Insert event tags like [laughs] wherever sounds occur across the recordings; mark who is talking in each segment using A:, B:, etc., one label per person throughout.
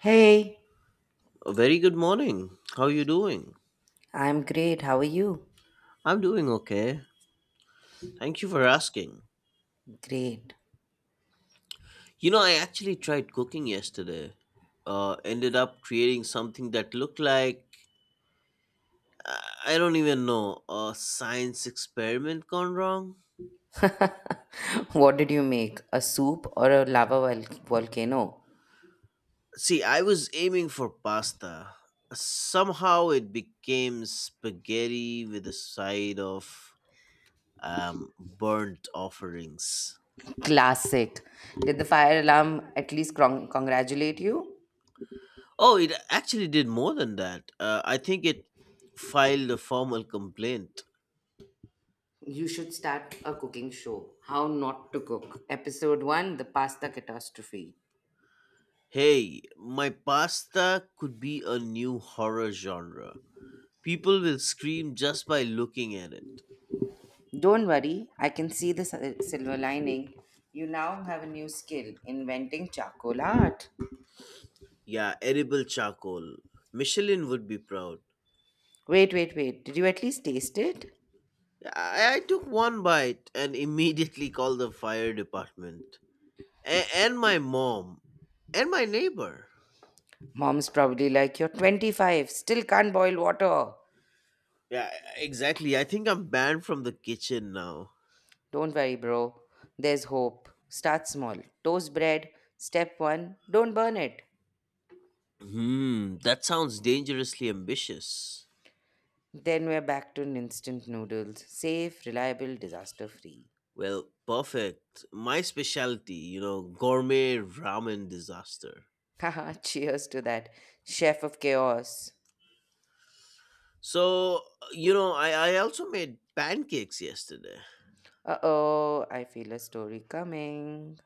A: Hey,
B: A very good morning. How are you doing?
A: I'm great. How are you?
B: I'm doing okay. Thank you for asking.
A: Great.
B: I actually tried cooking yesterday. Ended up creating something that looked like I don't even know a science experiment gone wrong.
A: [laughs] What did you make? A soup or a lava volcano?
B: See, I was aiming for pasta. Somehow it became spaghetti with a side of burnt offerings.
A: Classic. Did the fire alarm at least congratulate you?
B: Oh, it actually did more than that. I think it filed a formal complaint.
A: You should start a cooking show. How not to cook. Episode 1, The Pasta Catastrophe.
B: Hey, my pasta could be a new horror genre. People will scream just by looking at it.
A: Don't worry, I can see the silver lining. You now have a new skill, inventing charcoal art.
B: Yeah, edible charcoal. Michelin would be proud.
A: Wait, wait, wait. Did you at least taste it?
B: Yeah, I took one bite and immediately called the fire department. And my mom. And my neighbor.
A: Mom's probably like, "You're 25, still can't boil water."
B: Yeah, exactly. I think I'm banned from the kitchen now.
A: Don't worry, bro. There's hope. Start small. Toast bread. Step one, don't burn it.
B: Hmm, that sounds dangerously ambitious.
A: Then we're back to instant noodles. Safe, reliable, disaster free.
B: Well, perfect. My specialty, gourmet ramen disaster.
A: Haha, [laughs] cheers to that. Chef of chaos.
B: So, I also made pancakes yesterday.
A: Uh oh, I feel a story coming.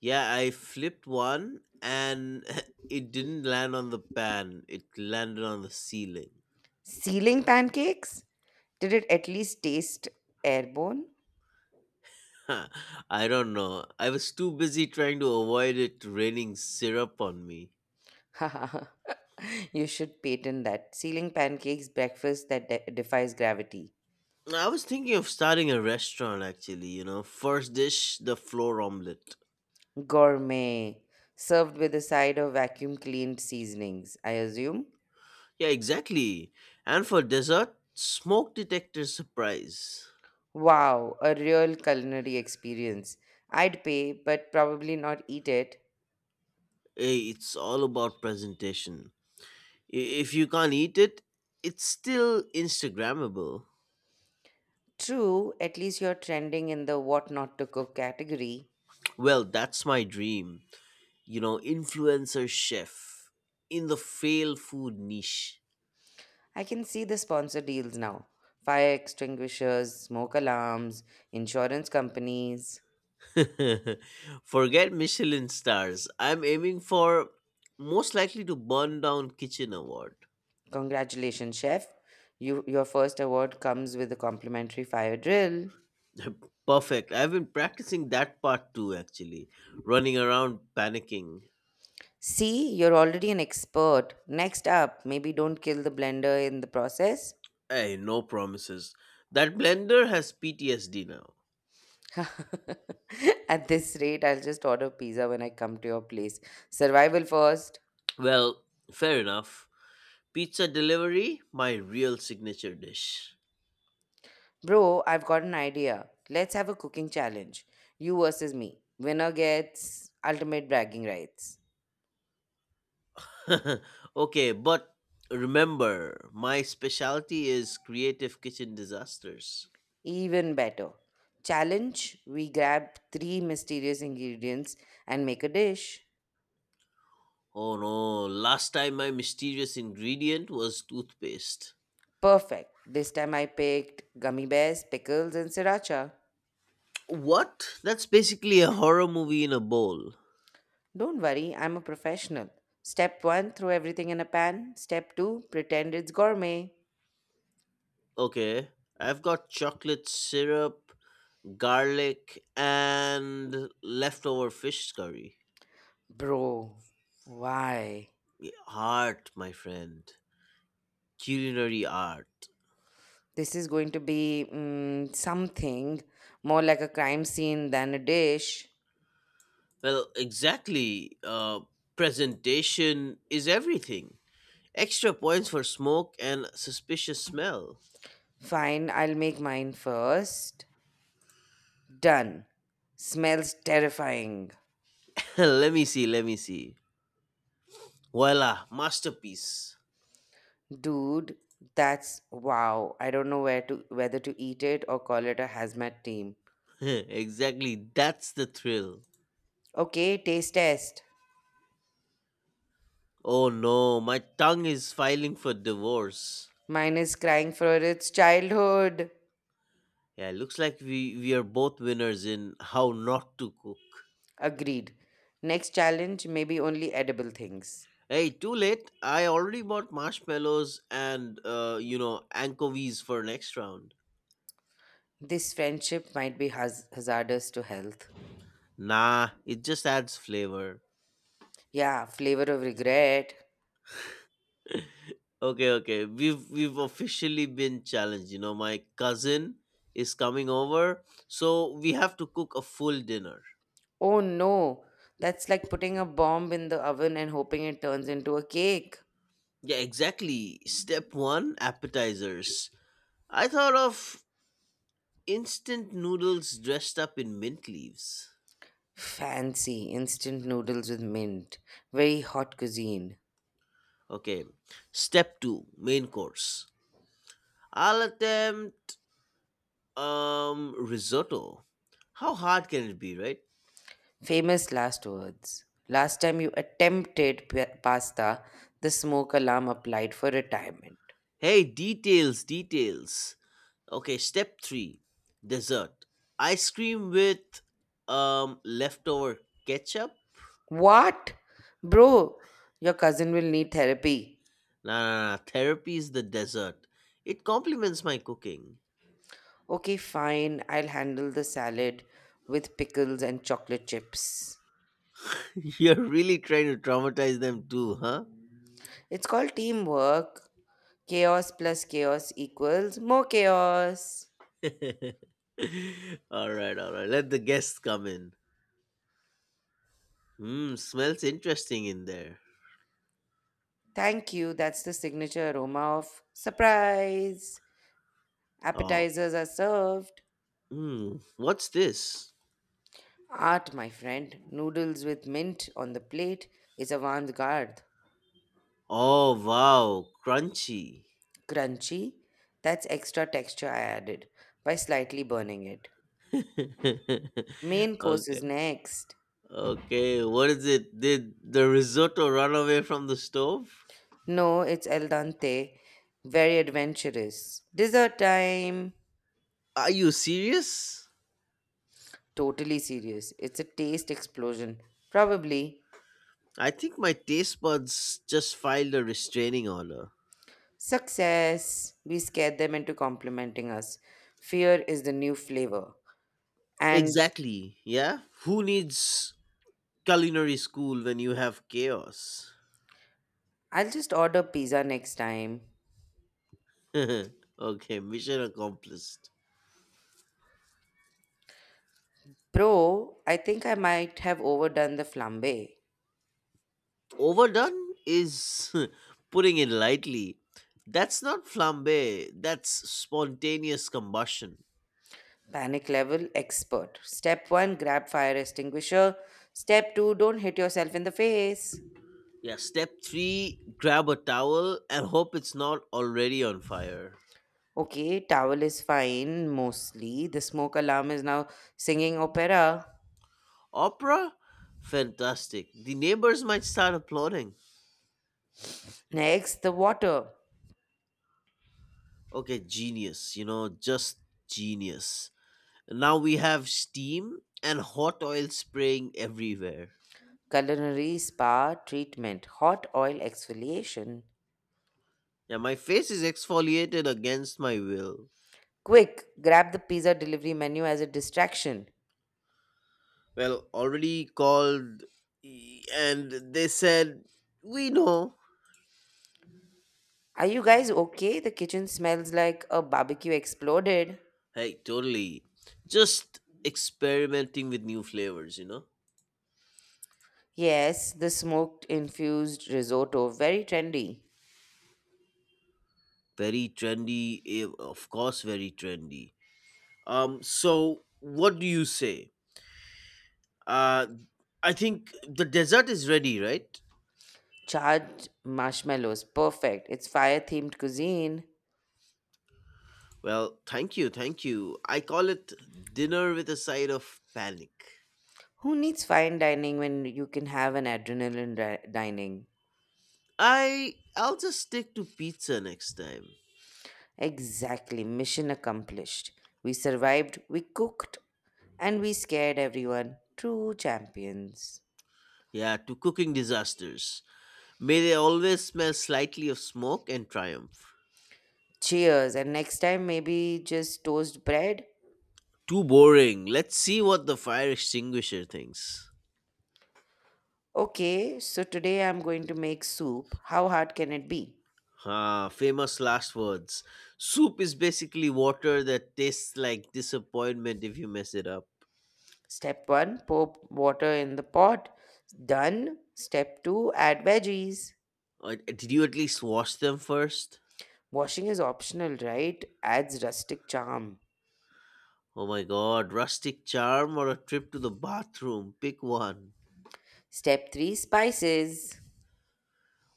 B: Yeah, I flipped one and [laughs] it didn't land on the pan, it landed on the ceiling. [laughs]
A: Ceiling pancakes? Did it at least taste airborne?
B: Huh, I don't know. I was too busy trying to avoid it raining syrup on me.
A: [laughs] You should patent that. Ceiling pancakes, breakfast that defies gravity.
B: No, I was thinking of starting a restaurant actually. First dish, the floor omelette.
A: Gourmet. Served with a side of vacuum cleaned seasonings, I assume.
B: Yeah, exactly. And for dessert, smoke detector surprise.
A: Wow, a real culinary experience. I'd pay, but probably not eat it.
B: Hey, it's all about presentation. If you can't eat it, it's still Instagrammable.
A: True, at least you're trending in the what not to cook category.
B: Well, that's my dream. Influencer chef in the fail food niche.
A: I can see the sponsor deals now, fire extinguishers, smoke alarms, insurance companies.
B: [laughs] Forget Michelin stars. I'm aiming for most likely to burn down kitchen award.
A: Congratulations, chef. You, your first award comes with a complimentary fire drill.
B: [laughs] Perfect. I've been practicing that part too, actually. Running around panicking.
A: See, you're already an expert. Next up, maybe don't kill the blender in the process.
B: Hey, no promises. That blender has PTSD now.
A: [laughs] At this rate, I'll just order pizza when I come to your place. Survival first.
B: Well, fair enough. Pizza delivery, my real signature dish.
A: Bro, I've got an idea. Let's have a cooking challenge. You versus me. Winner gets ultimate bragging rights.
B: [laughs] Okay, but remember, my specialty is creative kitchen disasters.
A: Even better. Challenge, we grab three mysterious ingredients and make a dish.
B: Oh no, last time my mysterious ingredient was toothpaste.
A: Perfect. This time I picked gummy bears, pickles, and sriracha.
B: What? That's basically a horror movie in a bowl.
A: Don't worry, I'm a professional. Step one, throw everything in a pan. Step two, pretend it's gourmet.
B: Okay. I've got chocolate syrup, garlic, and leftover fish curry.
A: Bro, why?
B: Yeah, Art, my friend. Culinary art.
A: This is going to be something more like a crime scene than a dish.
B: Well, exactly. Presentation is everything. Extra points for smoke and suspicious smell.
A: Fine, I'll make mine first. Done. Smells terrifying.
B: [laughs] Let me see, let me see. Voila, masterpiece.
A: Dude, that's wow. I don't know where to whether to eat it or call it a hazmat team.
B: [laughs] Exactly, that's the thrill.
A: Okay, taste test.
B: Oh no, my tongue is filing for divorce.
A: Mine is crying for its childhood.
B: Yeah, it looks like we are both winners in how not to cook.
A: Agreed. Next challenge, maybe only edible things.
B: Hey, too late. I already bought marshmallows and anchovies for next round.
A: This friendship might be hazardous to health.
B: Nah, it just adds flavor.
A: Yeah, flavor of regret.
B: Okay, okay. We've officially been challenged. My cousin is coming over, so we have to cook a full dinner.
A: Oh no, that's like putting a bomb in the oven and hoping it turns into a cake.
B: Yeah, exactly. Step one: appetizers. I thought of instant noodles dressed up in mint leaves.
A: Fancy instant noodles with mint. Very hot cuisine.
B: Okay. Step two, main course. I'll attempt risotto. How hard can it be, right?
A: Famous last words. Last time you attempted pasta, the smoke alarm applied for retirement.
B: Hey, details, details. Okay, step three, dessert. Ice cream with leftover ketchup.
A: What? Bro, your cousin will need therapy.
B: Nah, nah, nah. Therapy is the dessert. It complements my cooking.
A: Okay, fine. I'll handle the salad with pickles and chocolate chips.
B: [laughs] You're really trying to traumatize them too, huh?
A: It's called teamwork. Chaos plus chaos equals more chaos.
B: [laughs] All right, all right. Let the guests come in. Mmm, smells interesting in there.
A: Thank you. That's the signature aroma of surprise.
B: Oh,
A: Appetizers are served.
B: what's this?
A: Art, my friend. Noodles with mint on the plate is avant garde.
B: Oh, wow, crunchy.
A: Crunchy, that's extra texture I added by slightly burning it.
B: [laughs]
A: Main course is
B: Okay,
A: next.
B: okay, what is it? Did the risotto run away from the stove?
A: No, it's el dente. Very adventurous. Dessert time.
B: Are you serious?
A: Totally serious. It's a taste explosion. Probably.
B: I think my taste buds just filed a restraining order.
A: Success. We scared them into complimenting us. Fear is the new flavor. And
B: Exactly, yeah? Who needs culinary school when you have chaos?
A: I'll just order pizza next time.
B: [laughs] Okay, mission accomplished.
A: Pro, I think I might have overdone the flambe.
B: Overdone is [laughs] putting it lightly. That's not flambe, that's spontaneous combustion.
A: Panic level expert. Step 1, grab fire extinguisher. Step 2, don't hit yourself in the face.
B: Yeah, step three grab a towel and hope it's not already on fire.
A: Okay, towel is fine mostly. The smoke alarm is now singing opera.
B: Opera? Fantastic. The neighbors might start applauding.
A: Next, the water.
B: Okay, genius, just genius. Now we have steam and hot oil spraying everywhere.
A: Culinary spa treatment. Hot oil exfoliation.
B: Yeah, my face is exfoliated against my will.
A: Quick, grab the pizza delivery menu as a distraction.
B: Well, already called and they said, We know.
A: Are you guys okay? The kitchen smells like a barbecue exploded.
B: Hey, totally. Just experimenting with new flavors, you know?
A: Yes, the smoked infused risotto, very trendy.
B: Very trendy, eh, of course, very trendy. So what do you say? Uh, I think the dessert is ready, right?
A: Charred marshmallows, perfect. It's fire themed cuisine.
B: Well, thank you, thank you. I call it dinner with a side of panic.
A: Who needs fine dining when you can have an adrenaline dining?
B: I'll just stick to pizza next time.
A: Exactly, mission accomplished. We survived, we cooked, and we scared everyone. True champions.
B: Yeah, to cooking disasters. May they always smell slightly of smoke and triumph.
A: Cheers, and next time maybe just toast bread?
B: Too boring. Let's see what the fire extinguisher thinks.
A: Okay, so today I'm going to make soup. How hard can it be?
B: Ah, famous last words. Soup is basically water that tastes like disappointment if you mess it up.
A: Step one, pour water in the pot. Done. Step two, add veggies.
B: Did you at least wash them first?
A: Washing is optional, right? Adds rustic charm.
B: Oh my god, rustic charm or a trip to the bathroom? Pick one.
A: Step three, spices.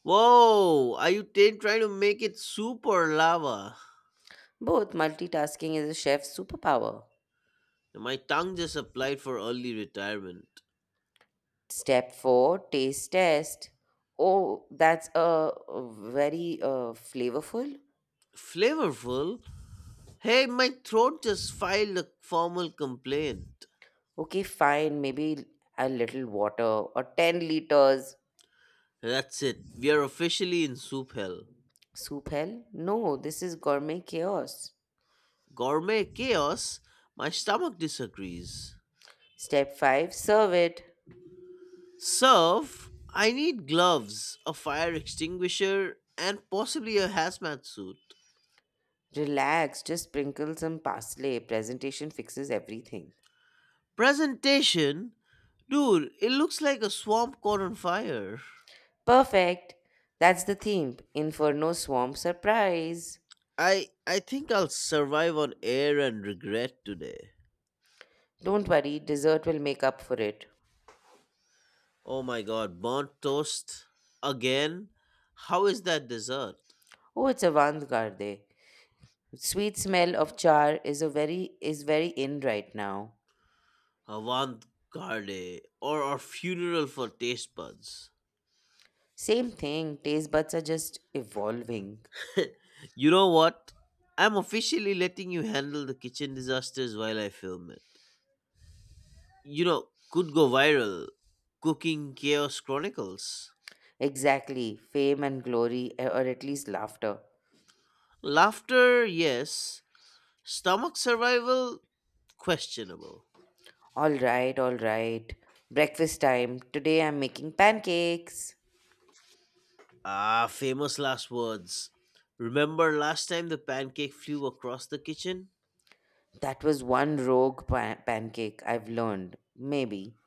B: Whoa, are you trying to make it soup or lava?
A: Both multitasking is a chef's superpower.
B: My tongue just applied for early retirement.
A: Step four, taste test. Oh, that's a very flavorful.
B: Flavorful? Hey, my throat just filed a formal complaint.
A: Okay, fine. Maybe a little water, or 10 liters.
B: That's it. We are officially in soup hell.
A: Soup hell? No, this is gourmet chaos.
B: Gourmet chaos. My stomach disagrees.
A: Step 5, serve it.
B: Serve. I need gloves, a fire extinguisher, and possibly a hazmat suit.
A: Relax, just sprinkle some parsley. Presentation fixes everything.
B: Presentation. Dude, it looks like a swamp caught on fire.
A: Perfect. That's the theme. Inferno Swamp Surprise.
B: I think I'll survive on air and regret today.
A: Don't worry, dessert will make up for it.
B: Oh my god, burnt toast again? How is that dessert?
A: Oh, it's avant-garde. Sweet smell of char is a very is very in right now.
B: Avant garde or a funeral for taste buds?
A: Same thing, taste buds are just evolving.
B: [laughs] You know what? I'm officially letting you handle the kitchen disasters while I film it. Could go viral. Cooking Chaos Chronicles.
A: Exactly, fame and glory, or at least laughter.
B: Laughter, yes. Stomach survival, questionable.
A: All right, all right. Breakfast time. Today I'm making pancakes.
B: Ah, famous last words. Remember last time the pancake flew across the kitchen?
A: That was one rogue pancake, I've learned. Maybe.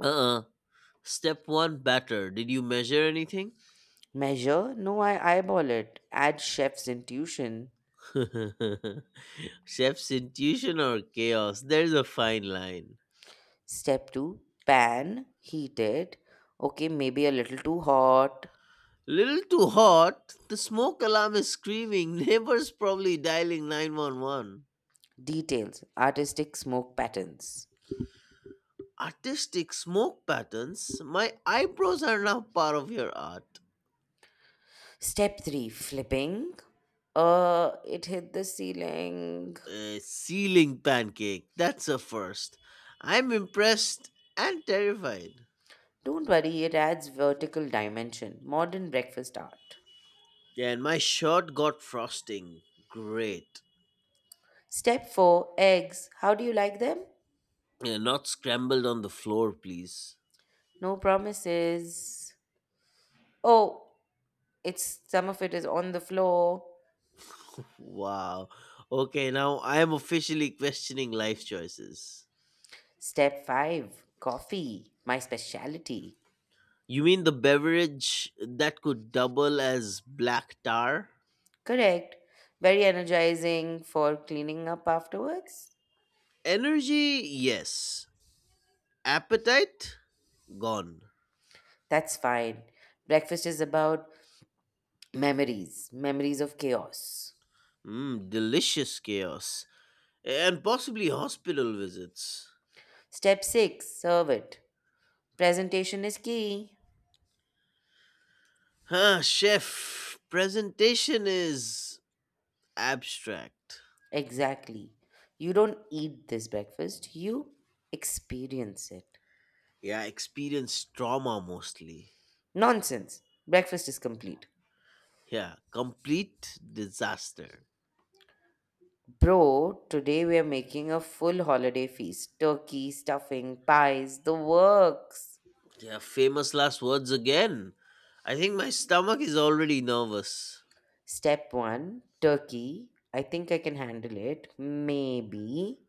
B: Uh uh Step 1 Batter. Did you measure anything?
A: Measure? No, I eyeball it. Add chef's intuition.
B: [laughs] Chef's intuition or chaos? There's a fine line.
A: Step 2. Pan. Heat it. Okay, maybe a little too hot.
B: Little too hot. The smoke alarm is screaming. [laughs] Neighbors probably dialing 911.
A: Details. Artistic smoke patterns.
B: Artistic smoke patterns? My eyebrows are now part of your art.
A: Step 3. Flipping. It hit the ceiling.
B: A ceiling pancake. That's a first. I'm impressed and terrified.
A: Don't worry, it adds vertical dimension. Modern breakfast art.
B: Yeah, and my shirt got frosting. Great.
A: Step 4. Eggs. How do you like them?
B: Yeah, not scrambled on the floor, please.
A: No promises. Oh, it's some of it is on the floor.
B: Wow. Okay, now I am officially questioning life choices.
A: Step five, coffee, my specialty.
B: You mean the beverage that could double as black tar?
A: Correct. Very energizing for cleaning up afterwards.
B: Energy, yes. Appetite, gone.
A: That's fine. Breakfast is about memories, memories of chaos.
B: Mm, delicious chaos. And possibly hospital visits.
A: Step six, serve it. Presentation is key.
B: Huh, chef, presentation is abstract.
A: Exactly. You don't eat this breakfast, you experience it.
B: Yeah, experience trauma mostly.
A: Nonsense. Breakfast is complete.
B: Yeah, complete disaster.
A: Bro, today we are making a full holiday feast, turkey, stuffing, pies, the works.
B: Yeah, famous last words again. I think my stomach is already nervous.
A: Step one, turkey. I think I can handle it. Maybe.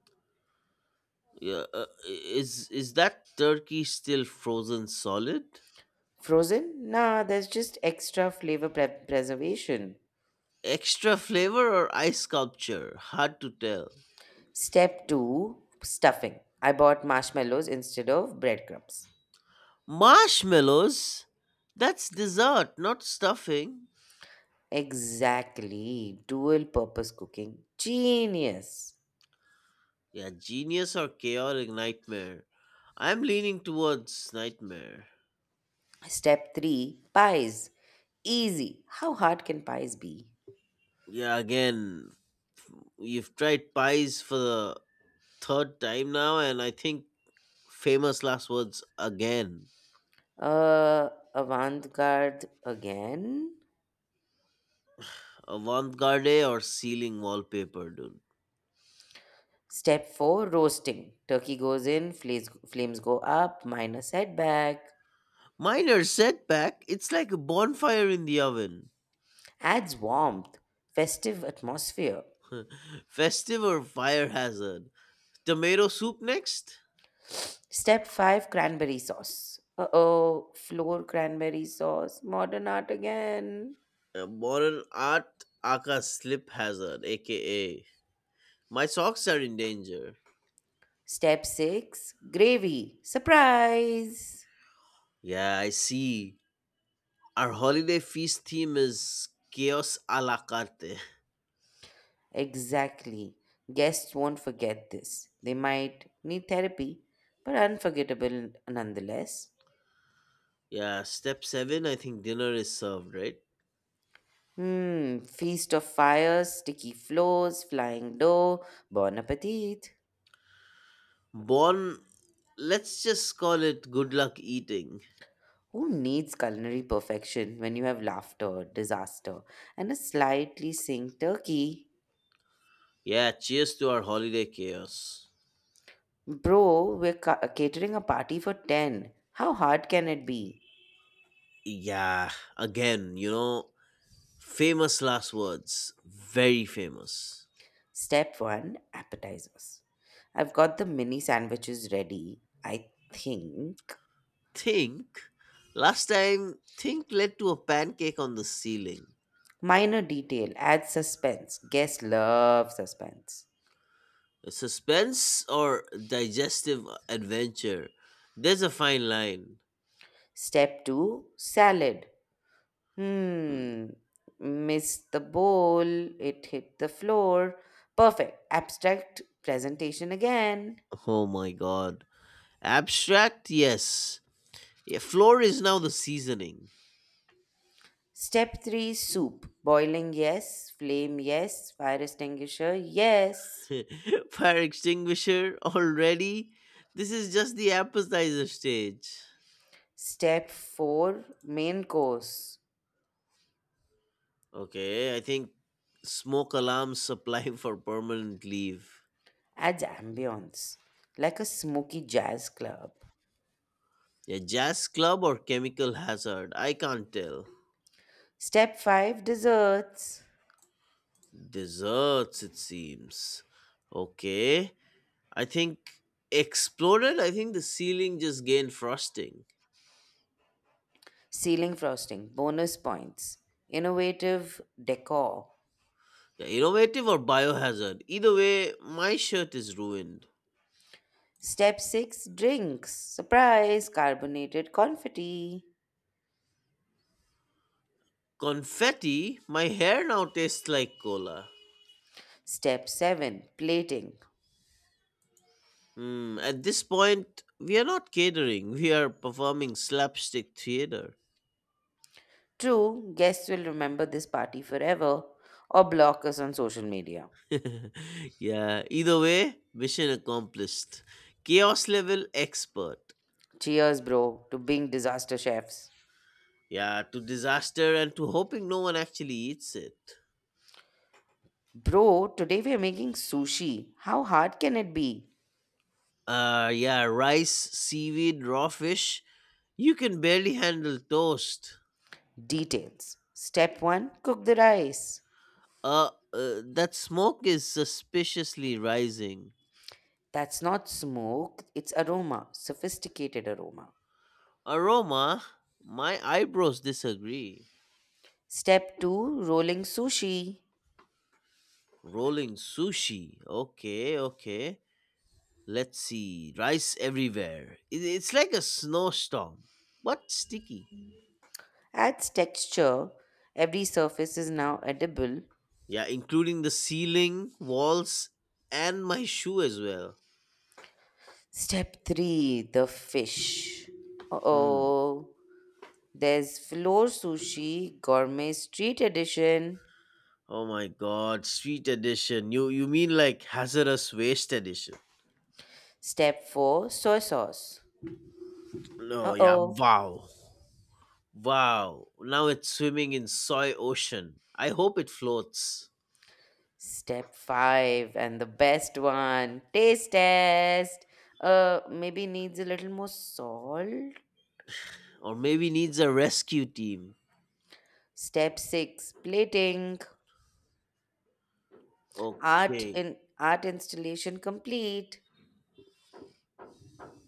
B: Yeah, is that turkey still frozen solid?
A: Frozen? Nah, there's just extra flavor preservation.
B: Extra flavor or ice sculpture? Hard to tell.
A: Step two, stuffing. I bought marshmallows instead of breadcrumbs.
B: Marshmallows? That's dessert, not stuffing.
A: Exactly. Dual purpose cooking. Genius.
B: Yeah, genius or chaotic nightmare. I'm leaning towards nightmare.
A: Step three, pies. Easy. How hard can pies be?
B: Yeah, again, you've tried pies for the third time now, and I think famous last words again.
A: Avant-garde again.
B: Avant-garde or ceiling wallpaper, dude.
A: Step four, roasting. Turkey goes in, flames, flames go up, minus setback.
B: Minor setback. It's like a bonfire in the oven.
A: Adds warmth, festive atmosphere.
B: [laughs] Festive or fire hazard. Tomato soup next.
A: Step five, cranberry sauce. Uh-oh, flour cranberry sauce, modern art again.
B: Modern art, aka slip hazard, aka my socks are in danger.
A: Step six, gravy. Surprise!
B: Yeah, I see. Our holiday feast theme is chaos a la carte.
A: Exactly. Guests won't forget this. They might need therapy, but unforgettable nonetheless.
B: Yeah, step seven, I think dinner is served, right?
A: Hmm, feast of fires, sticky floors, flying dough, bon appetit.
B: Bon, let's just call it good luck eating.
A: Who needs culinary perfection when you have laughter, disaster, and a slightly sink turkey?
B: Yeah, cheers to our holiday chaos.
A: Bro, we're catering a party for 10. How hard can it be?
B: Yeah, again, famous last words. Very famous.
A: Step 1, appetizers. I've got the mini sandwiches ready, I think.
B: Think, last time, Think led to a pancake on the ceiling.
A: Minor detail adds suspense. Guests love suspense.
B: Suspense or digestive adventure? There's a fine line.
A: Step 2, salad.
B: Mm.
A: Hmm. Missed the bowl. It hit the floor. Perfect. Abstract presentation again.
B: Oh my god. Abstract, yes. Yeah, floor is now the seasoning.
A: Step 3, soup. Boiling, yes. Flame, yes. Fire extinguisher, yes.
B: [laughs] Fire extinguisher already? This is just the appetizer stage.
A: Step 4, main course.
B: Okay, I think smoke alarms supply [laughs] for permanent leave.
A: Adds ambience. Like a smoky jazz club.
B: Yeah, jazz club or chemical hazard? I can't tell.
A: Step 5, desserts.
B: Desserts, it seems. Okay. I think exploded. I think the ceiling just gained frosting.
A: Ceiling frosting. Bonus points. Innovative decor.
B: Yeah, innovative or biohazard. Either way, my shirt is ruined.
A: Step 6, drinks. Surprise! Carbonated confetti.
B: Confetti. My hair now tastes like cola.
A: Step 7, plating.
B: Hmm. At this point, we are not catering. We are performing slapstick theater.
A: True, guests will remember this party forever or block us on social media.
B: [laughs] Yeah. Either way, mission accomplished. Chaos level expert.
A: Cheers, bro, to being disaster chefs.
B: Yeah, to disaster and to hoping no one actually eats it.
A: Bro, today we are making sushi. How hard can it be?
B: Yeah, rice, seaweed, raw fish. You can barely handle toast.
A: Details. Step 1, cook the rice.
B: That smoke is suspiciously rising.
A: That's not smoke, it's aroma, sophisticated aroma.
B: Aroma, my eyebrows disagree.
A: Step 2, rolling sushi.
B: Rolling sushi. Okay, okay. Let's see. Rice everywhere. It's like a snowstorm, but sticky.
A: Adds texture. Every surface is now edible.
B: Yeah, including the ceiling, walls, and my shoe as well.
A: Step three, the fish.
B: Hmm.
A: Oh, there's floor sushi, gourmet street edition.
B: Oh my god, sweet edition. You mean like hazardous waste edition?
A: Step four, soy sauce.
B: No,
A: Uh
B: yeah,
A: oh.
B: wow. Wow. Now it's swimming in soy ocean. I hope it floats.
A: Step five, and the best one, taste test. Maybe needs a little more salt.
B: Or maybe needs a rescue team.
A: Step six, plating. Art
B: Okay.
A: in art installation complete.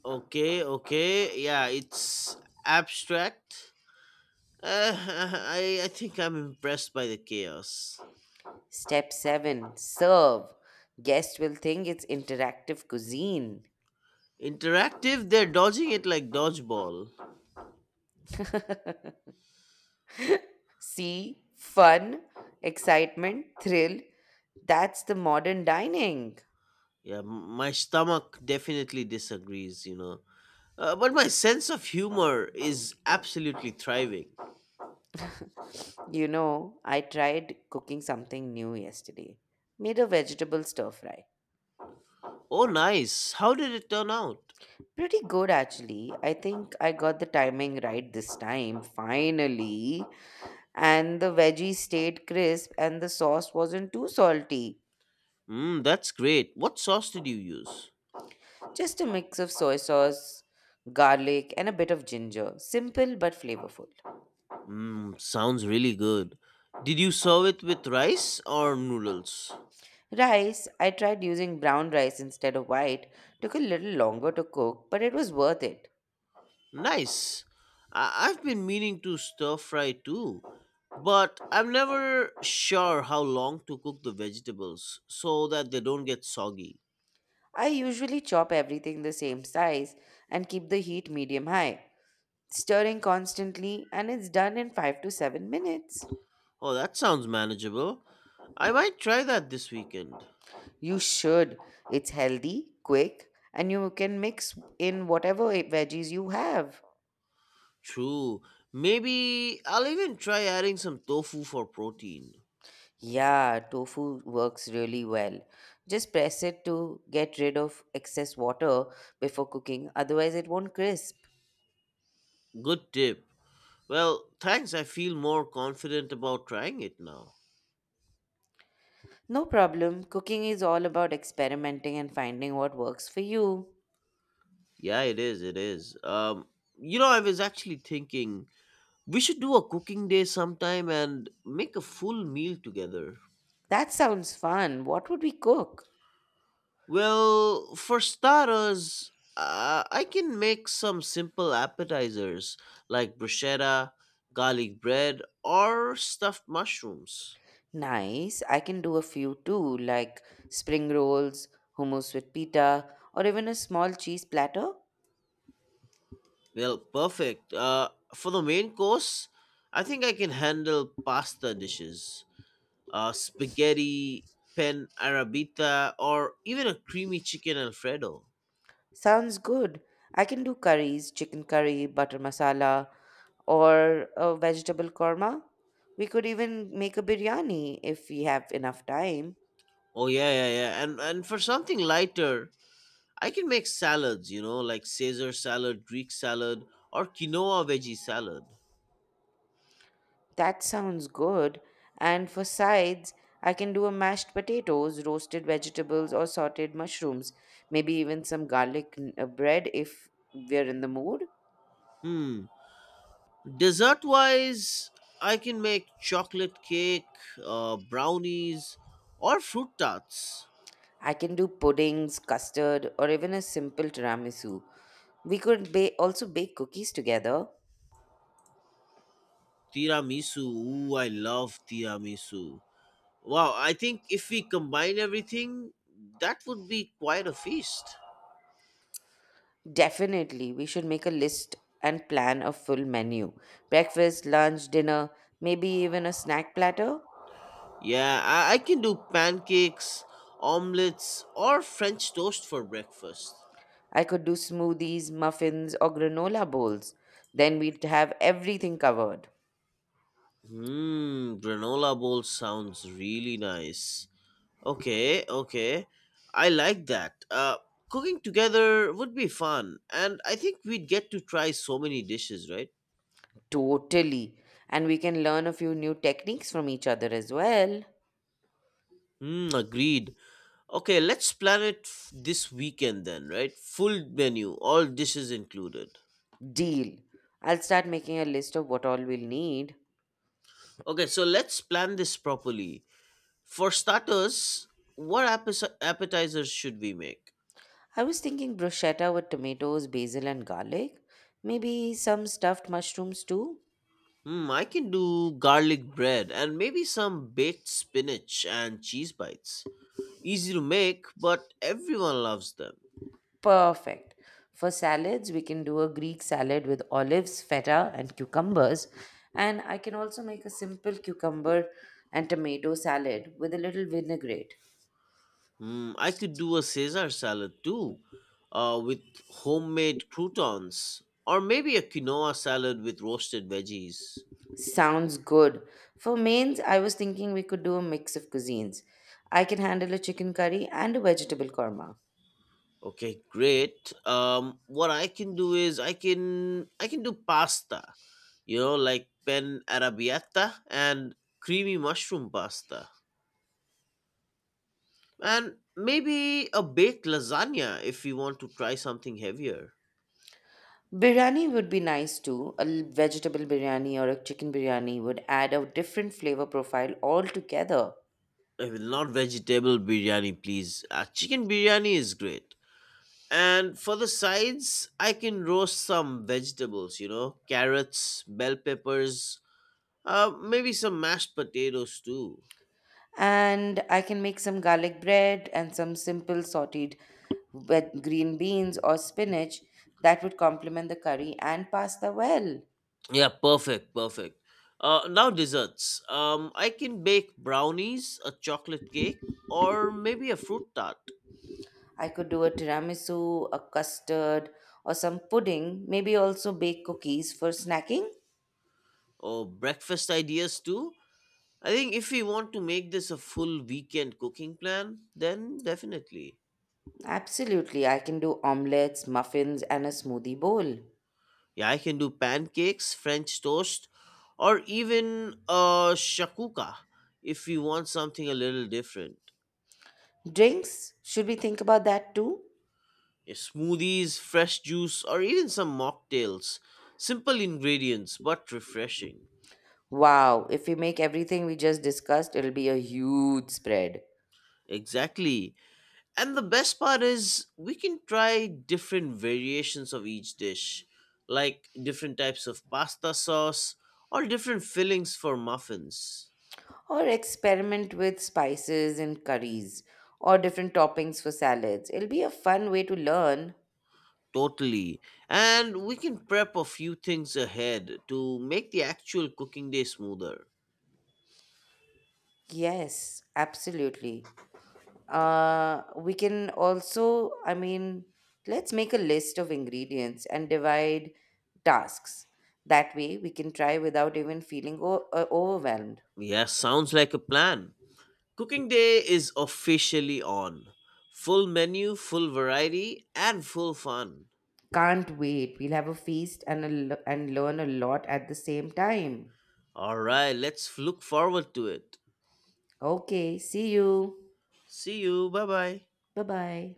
B: Okay, okay. Yeah, it's abstract. [laughs] I think I'm impressed by the chaos.
A: Step 7, serve. Guests will think it's interactive cuisine.
B: Interactive, they're dodging it like dodgeball.
A: See, fun, excitement, thrill. That's the modern dining.
B: Yeah, my stomach definitely disagrees. But my sense of humor is absolutely thriving.
A: You know, I tried cooking something new yesterday. Made a vegetable stir fry.
B: Oh, nice. How did it turn out?
A: Pretty good actually. I think I got the timing right this time, finally. And the veggies stayed crisp and the sauce wasn't too salty.
B: Mmm, that's great. What sauce did you use?
A: Just a mix of soy sauce, garlic, and a bit of ginger. Simple but flavorful.
B: Mmm, sounds really good. Did you serve it with rice or noodles?
A: Rice, I tried using brown rice instead of white. Took a little longer to cook, but it was worth it.
B: Nice. I've been meaning to stir fry too, but I'm never sure how long to cook the vegetables so that they don't get soggy.
A: I usually chop everything the same size and keep the heat medium high, stirring constantly, and it's done in 5 to 7 minutes.
B: Oh, that sounds manageable. I might try that this weekend.
A: You should. It's healthy, quick, and you can mix in whatever veggies you have.
B: True. Maybe I'll even try adding some tofu for protein.
A: Yeah, tofu works really well. Just press it to get rid of excess water before cooking, otherwise, it won't crisp.
B: Good tip. Well, thanks. I feel more confident about trying it now.
A: No problem. Cooking is all about experimenting and finding what works for you.
B: Yeah, it is. It is. I was actually thinking we should do a cooking day sometime and make a full meal together.
A: That sounds fun. What would we cook?
B: Well, for starters, I can make some simple appetizers like bruschetta, garlic bread, or stuffed mushrooms.
A: Nice. I can do a few too, like spring rolls, hummus with pita, or even a small cheese platter.
B: Well, perfect. For the main course, I think I can handle pasta dishes, spaghetti, pen arabita, or even a creamy chicken alfredo.
A: Sounds good. I can do curries, chicken curry, butter masala, or a vegetable korma. We could even make a biryani if we have enough time.
B: Oh yeah, yeah, yeah. And for something lighter, I can make salads. Like Caesar salad, Greek salad, or quinoa veggie salad.
A: That sounds good. And for sides, I can do a mashed potatoes, roasted vegetables, or sauteed mushrooms. Maybe even some bread if we're in the mood.
B: Hmm. Dessert wise, I can make chocolate cake, brownies, or fruit tarts.
A: I can do puddings, custard, or even a simple tiramisu. We could also bake cookies together.
B: Tiramisu. Ooh, I love tiramisu. Wow, I think if we combine everything, that would be quite a feast.
A: Definitely, we should make a list and plan a full menu. Breakfast, lunch, dinner, maybe even a snack platter.
B: Yeah, I can do pancakes, omelets, or French toast for breakfast.
A: I could do smoothies, muffins, or granola bowls. Then we'd have everything covered.
B: Hmm, granola bowl sounds really nice. Okay, okay. I like that. Cooking together would be fun, and I think we'd get to try so many dishes, right?
A: Totally. And we can learn a few new techniques from each other as well.
B: Mm, agreed. Okay, let's plan it this weekend then, right? Full menu, all dishes included.
A: Deal. I'll start making a list of what all we'll need.
B: Okay, so let's plan this properly. For starters, what appetizers should we make?
A: I was thinking bruschetta with tomatoes, basil, and garlic. Maybe some stuffed mushrooms too.
B: Hmm, I can do garlic bread and maybe some baked spinach and cheese bites. Easy to make, but everyone loves them.
A: Perfect. For salads, we can do a Greek salad with olives, feta, and cucumbers. And I can also make a simple cucumber and tomato salad with a little vinaigrette.
B: Mm, I could do a Caesar salad too, with homemade croutons, or maybe a quinoa salad with roasted veggies.
A: Sounds good. For mains, I was thinking we could do a mix of cuisines. I can handle a chicken curry and a vegetable korma.
B: Okay, great. What I can do is I can do pasta, like pen arrabbiata and creamy mushroom pasta, and maybe a baked lasagna if you want to try something heavier.
A: Biryani would be nice too. A vegetable biryani or a chicken biryani would add a different flavor profile altogether.
B: I will not vegetable biryani, please. Chicken biryani is great. And for the sides, I can roast some vegetables, carrots, bell peppers, maybe some mashed potatoes too.
A: And I can make some garlic bread and some simple sauteed with green beans or spinach that would complement the curry and pasta well.
B: Yeah, perfect, perfect. Now desserts. I can bake brownies, a chocolate cake, or maybe a fruit tart.
A: I could do a tiramisu, a custard, or some pudding, maybe also bake cookies for snacking.
B: Or breakfast ideas too. I think if we want to make this a full weekend cooking plan, then definitely.
A: Absolutely, I can do omelets, muffins, and a smoothie bowl.
B: Yeah, I can do pancakes, French toast, or even shakuka if you want something a little different.
A: Drinks, should we think about that too?
B: Yeah, smoothies, fresh juice, or even some mocktails. Simple ingredients but refreshing.
A: Wow, if we make everything we just discussed, it'll be a huge spread.
B: Exactly. And the best part is we can try different variations of each dish, like different types of pasta sauce or different fillings for muffins.
A: Or experiment with spices and curries or different toppings for salads. It'll be a fun way to learn.
B: Totally. And we can prep a few things ahead to make the actual cooking day smoother.
A: Yes, absolutely. We can also, I mean, let's make a list of ingredients and divide tasks. That way, we can try without even feeling overwhelmed.
B: Yeah, sounds like a plan. Cooking day is officially on. Full menu, full variety, and full fun.
A: Can't wait. We'll have a feast, and and learn a lot at the same time.
B: Alright, let's look forward to it.
A: Okay, see you.
B: See you. Bye bye.
A: Bye bye.